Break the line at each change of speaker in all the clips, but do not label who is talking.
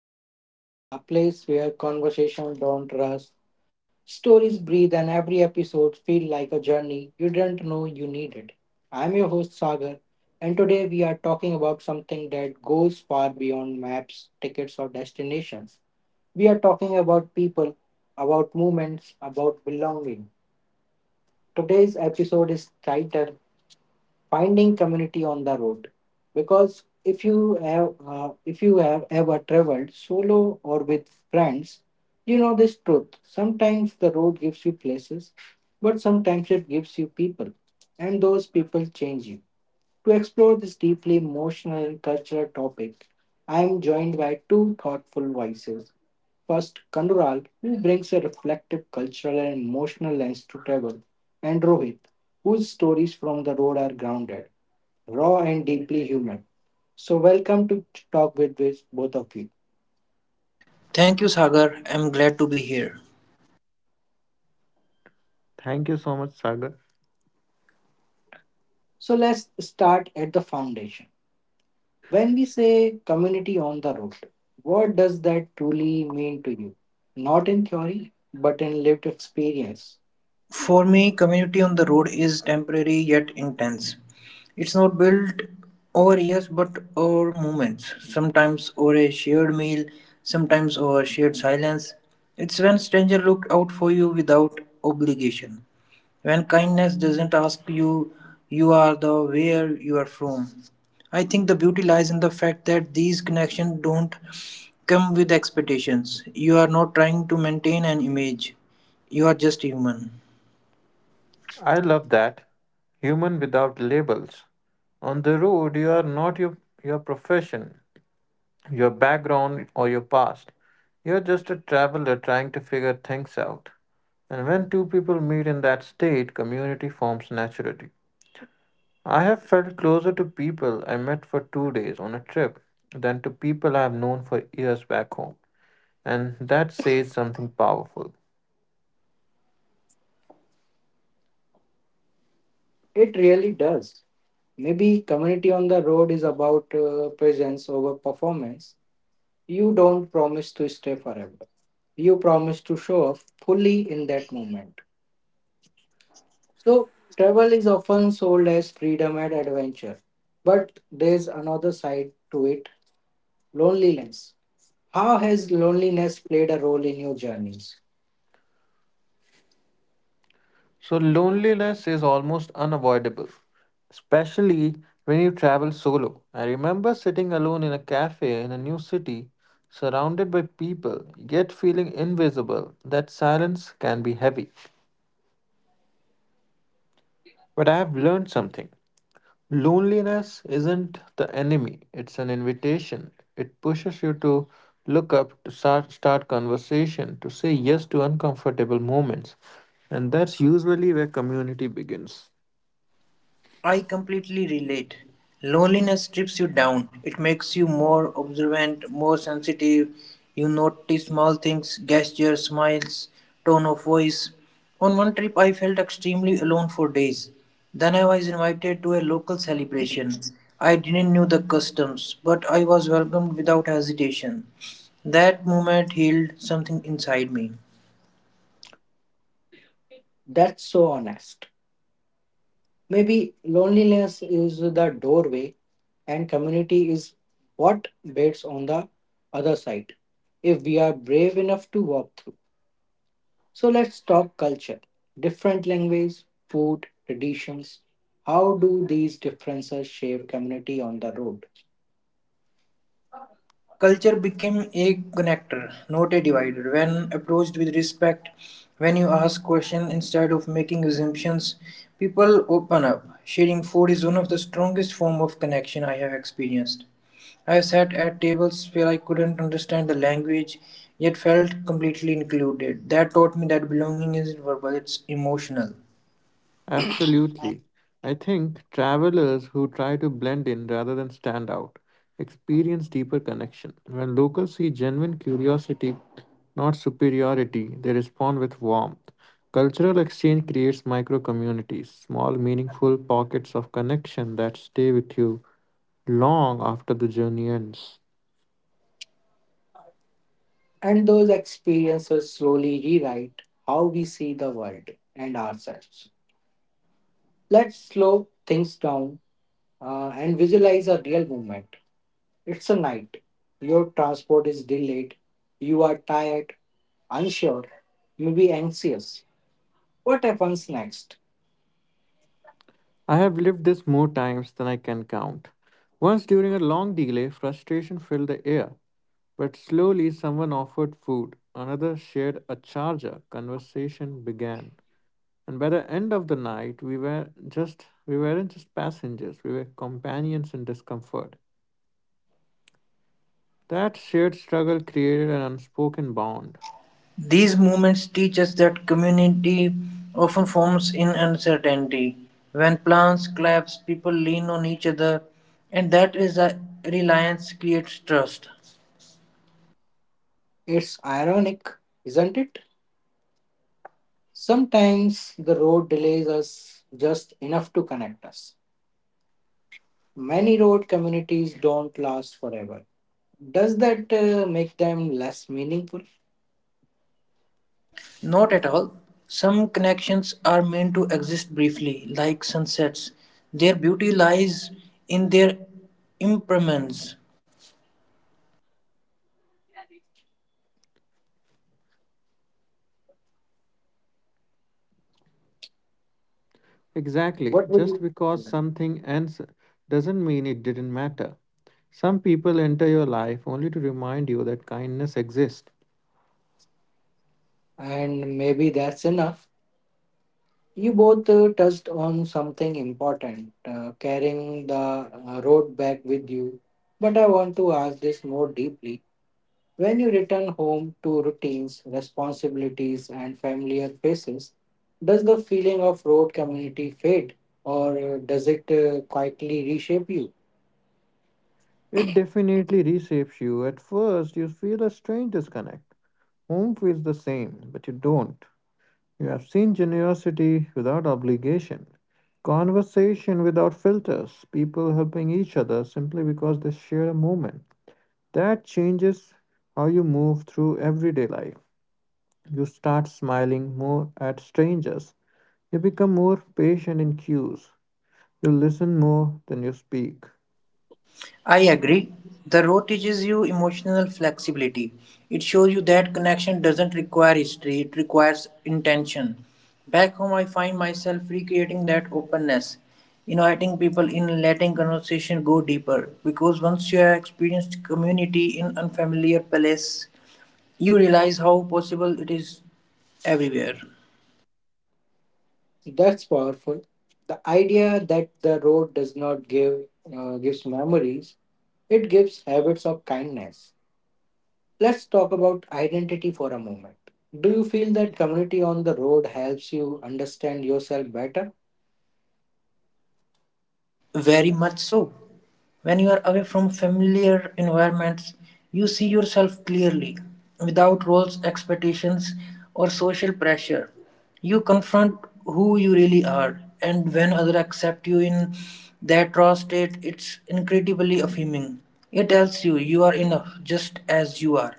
Talk with Wiz, a place where conversation don't rust, stories breathe, and every episode feel like a journey you didn't know you needed. I'm your host Sagar, and today we are talking about something that goes far beyond maps, tickets, or destinations. We are talking about people, about movements, about belonging. Today's episode is titled finding community on the road, because if you have ever traveled solo or with friends, you know this truth. Sometimes the road gives you places, but sometimes it gives you people, and those people change you. To explore this deeply emotional and cultural topic, I am joined by two thoughtful voices. First, Kandural, who brings a reflective cultural and emotional lens to travel, and Rohit, whose stories from the road are grounded, raw and deeply human. So, welcome to Talk with both of you.
Thank you, Sagar. I'm glad to be here.
Thank you so much, Sagar.
So, let's start at the foundation. When we say community on the road, what does that truly mean to you? Not in theory, but in lived experience.
For me, community on the road is temporary yet intense. It's not built over years but over moments, sometimes over a shared meal, sometimes over shared silence. It's when stranger look out for you without obligation. When kindness doesn't ask you you are the where you are from. I think the beauty lies in the fact that these connections don't come with expectations. You are not trying to maintain an image. You are just human.
I love that. Human without labels. On the road, you are not your profession, your background, or your past. You're just a traveler trying to figure things out. And when two people meet in that state, community forms naturally. I have felt closer to people I met for two days on a trip than to people I have known for years back home. And that says something powerful.
It really does. Maybe community on the road is about presence over performance. You don't promise to stay forever, you promise to show up fully in that moment. So, travel is often sold as freedom and adventure, but there's another side to it: loneliness. How has loneliness played a role in your journeys?
So, loneliness is almost unavoidable, especially when you travel solo. I remember sitting alone in a cafe in a new city, surrounded by people, yet feeling invisible. That silence can be heavy. But I have learned something: loneliness isn't the enemy, it's an invitation. It pushes you to look up, to start conversation, to say yes to uncomfortable moments. And that's usually where community begins.
I completely relate. Loneliness strips you down. It makes you more observant, more sensitive. You notice small things, gestures, smiles, tone of voice. On one trip, I felt extremely alone for days. Then I was invited to a local celebration. I didn't know the customs, but I was welcomed without hesitation. That moment healed something inside me.
That's so honest. Maybe loneliness is the doorway, and community is what waits on the other side if we are brave enough to walk through. So, let's talk culture, different language, food, traditions. How do these differences shape community on the road?
Culture became a connector, not a divider. When approached with respect, when you ask questions instead of making assumptions, people open up. Sharing food is one of the strongest forms of connection I have experienced. I sat at tables where I couldn't understand the language, yet felt completely included. That taught me that belonging isn't verbal, it's emotional.
Absolutely. I think travelers who try to blend in rather than stand out experience deeper connection. When locals see genuine curiosity, not superiority, they respond with warmth. Cultural exchange creates micro communities, small, meaningful pockets of connection that stay with you long after the journey ends.
And those experiences slowly rewrite how we see the world and ourselves. Let's slow things down and visualize a real moment. It's a night. Your transport is delayed. You are tired, unsure, maybe anxious. What happens next?
I have lived this more times than I can count. Once during a long delay, frustration filled the air. But slowly someone offered food, another shared a charger, conversation began. And by the end of the night we weren't just passengers, we were companions in discomfort. That shared struggle created an unspoken bond.
These movements teach us that community often forms in uncertainty. When plans collapse, people lean on each other, and that is a reliance creates trust.
It's ironic, isn't it? Sometimes the road delays us just enough to connect us. Many road communities don't last forever. Does that make them less meaningful?
Not at all. Some connections are meant to exist briefly, like sunsets. Their beauty lies in their impermanence.
Exactly,
What would
just
you?
because
Yeah.
something ends doesn't mean it didn't matter. Some people enter your life only to remind you that kindness exists.
And maybe that's enough. You both touched on something important, carrying the road back with you. But I want to ask this more deeply. When you return home to routines, responsibilities, and familiar faces, does the feeling of road community fade, or does it quietly reshape you?
It definitely reshapes you. At first, you feel a strange disconnect. Home feels the same, but you don't. You have seen generosity without obligation, conversation without filters, people helping each other simply because they share a moment. That changes how you move through everyday life. You start smiling more at strangers. You become more patient in queues. You listen more than you speak.
I agree. The road teaches you emotional flexibility. It shows you that connection doesn't require history, it requires intention. Back home, I find myself recreating that openness, inviting people in, letting conversation go deeper. Because once you have experienced community in unfamiliar place, you realize how possible it is everywhere.
So, that's powerful. The idea that the road does not gives memories, it gives habits of kindness. Let's talk about identity for a moment. Do you feel that community on the road helps you understand yourself better?
Very much so. When you are away from familiar environments, you see yourself clearly, without roles, expectations, or social pressure. You confront who you really are, and when others accept you in that raw state, it's incredibly affirming. It tells you you are enough just as you are.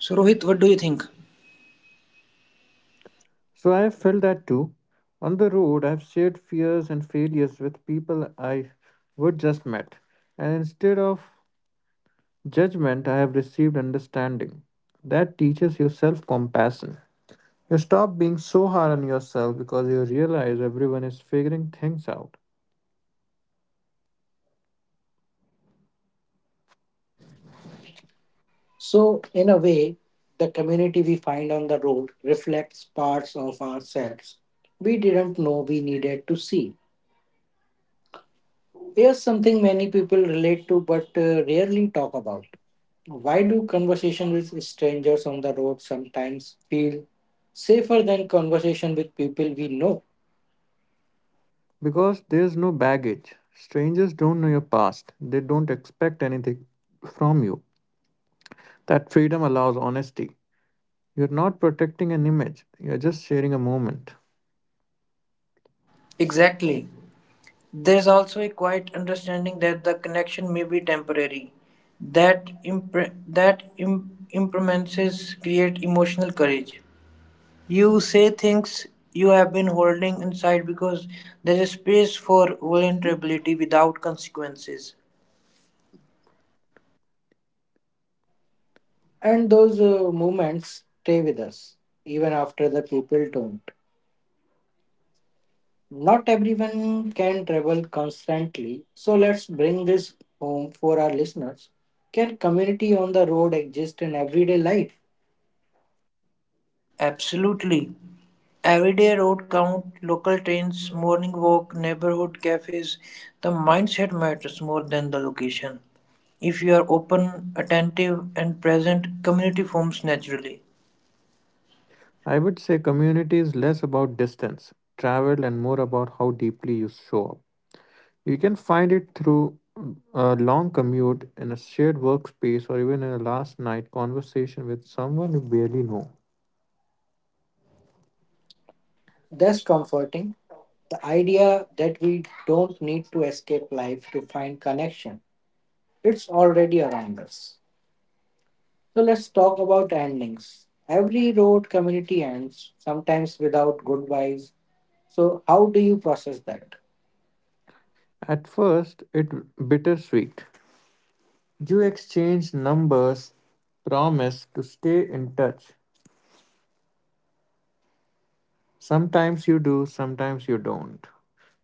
So, Rohit, what do you think?
So I have felt that too. On the road, I've shared fears and failures with people I would just met, and instead of judgment, I have received understanding. That teaches you self compassion. You stop being so hard on yourself because you realize everyone is figuring things out.
So, in a way, the community we find on the road reflects parts of ourselves we didn't know we needed to see. Here's something many people relate to but rarely talk about. Why do conversation with strangers on the road sometimes feel safer than conversation with people we know?
Because there's no baggage. Strangers don't know your past, they don't expect anything from you. That freedom allows honesty. You're not protecting an image, you're just sharing a moment.
Exactly. There is also a quiet understanding that the connection may be temporary, that impermanences create emotional courage. You say things you have been holding inside because there is space for vulnerability without consequences.
And those moments stay with us even after the people don't. Not everyone can travel constantly, so let's bring this home for our listeners. Can community on the road exist in everyday life?
Absolutely. Everyday road count, local trains, morning walk, neighborhood cafes. The mindset matters more than the location. If you are open, attentive, and present, community forms naturally.
I would say community is less about distance, travel, and more about how deeply you show up. You can find it through a long commute, in a shared workspace, or even in a last night conversation with someone you barely know.
That's comforting. The idea that we don't need to escape life to find connection, it's already around us. So let's talk about endings. Every road community ends, sometimes without goodbyes. So, how do you process that?
At first, it bittersweet. You exchange numbers, promise to stay in touch. Sometimes you do, sometimes you don't.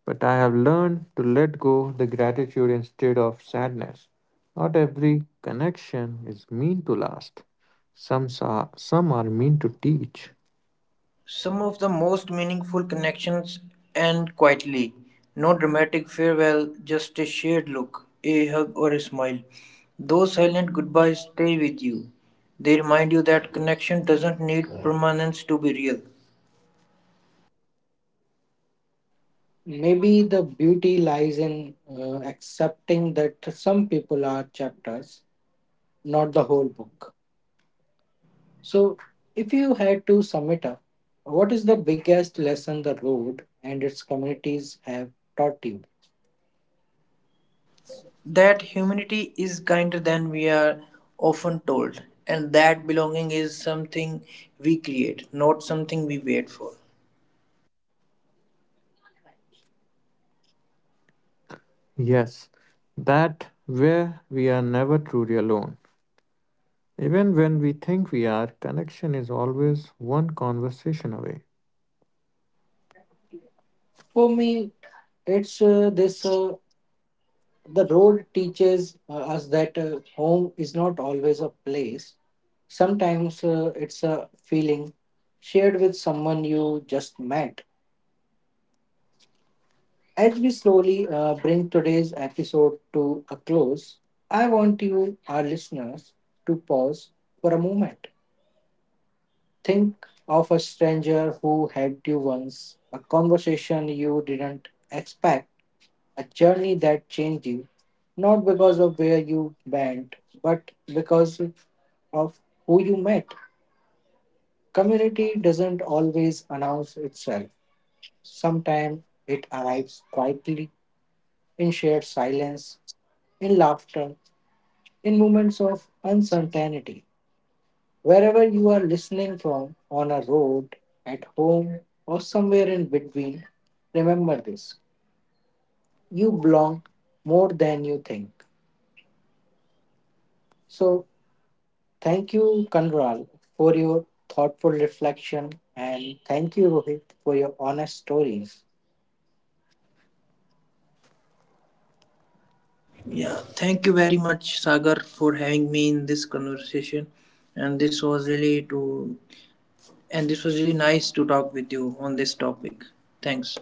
But I have learned to let go the gratitude instead of sadness. Not every connection is meant to last. Some are meant to teach.
Some of the most meaningful connections end quietly. No dramatic farewell, just a shared look, a hug, or a smile. Those silent goodbyes stay with you. They remind you that connection doesn't need permanence to be real.
Maybe the beauty lies in accepting that some people are chapters, not the whole book. So, if you had to sum it up, what is the biggest lesson the road and its communities have taught you?
That humanity is kinder than we are often told, and that belonging is something we create, not something we wait for.
Yes, that where we are never truly alone. Even when we think we are, connection is always one conversation away.
For me, It's this the road teaches us that home is not always a place. Sometimes it's a feeling shared with someone you just met. As we slowly bring today's episode to a close, I want you, our listeners, to pause for a moment. Think of a stranger who helped you once, a conversation you didn't expect, a journey that changed you, not because of where you went, but because of who you met. Community doesn't always announce itself. Sometimes it arrives quietly, in shared silence, in laughter, in moments of uncertainty. Wherever you are listening from, on a road, at home, or somewhere in between, remember this: you belong more than you think. So thank you, Kanral, for your thoughtful reflection. And thank you, Rohit, for your honest stories.
Yeah, thank you very much, Sagar, for having me in this conversation. And this was really to and this was really nice to talk with you on this topic. Thanks.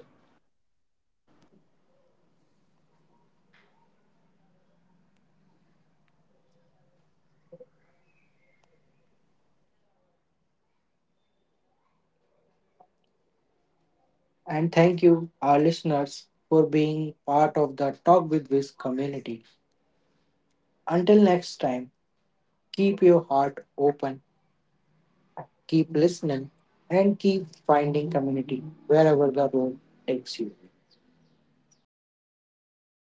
And thank you, our listeners, for being part of the Talk with Wiz community. Until next time, keep your heart open, keep listening, and keep finding community wherever the road takes you.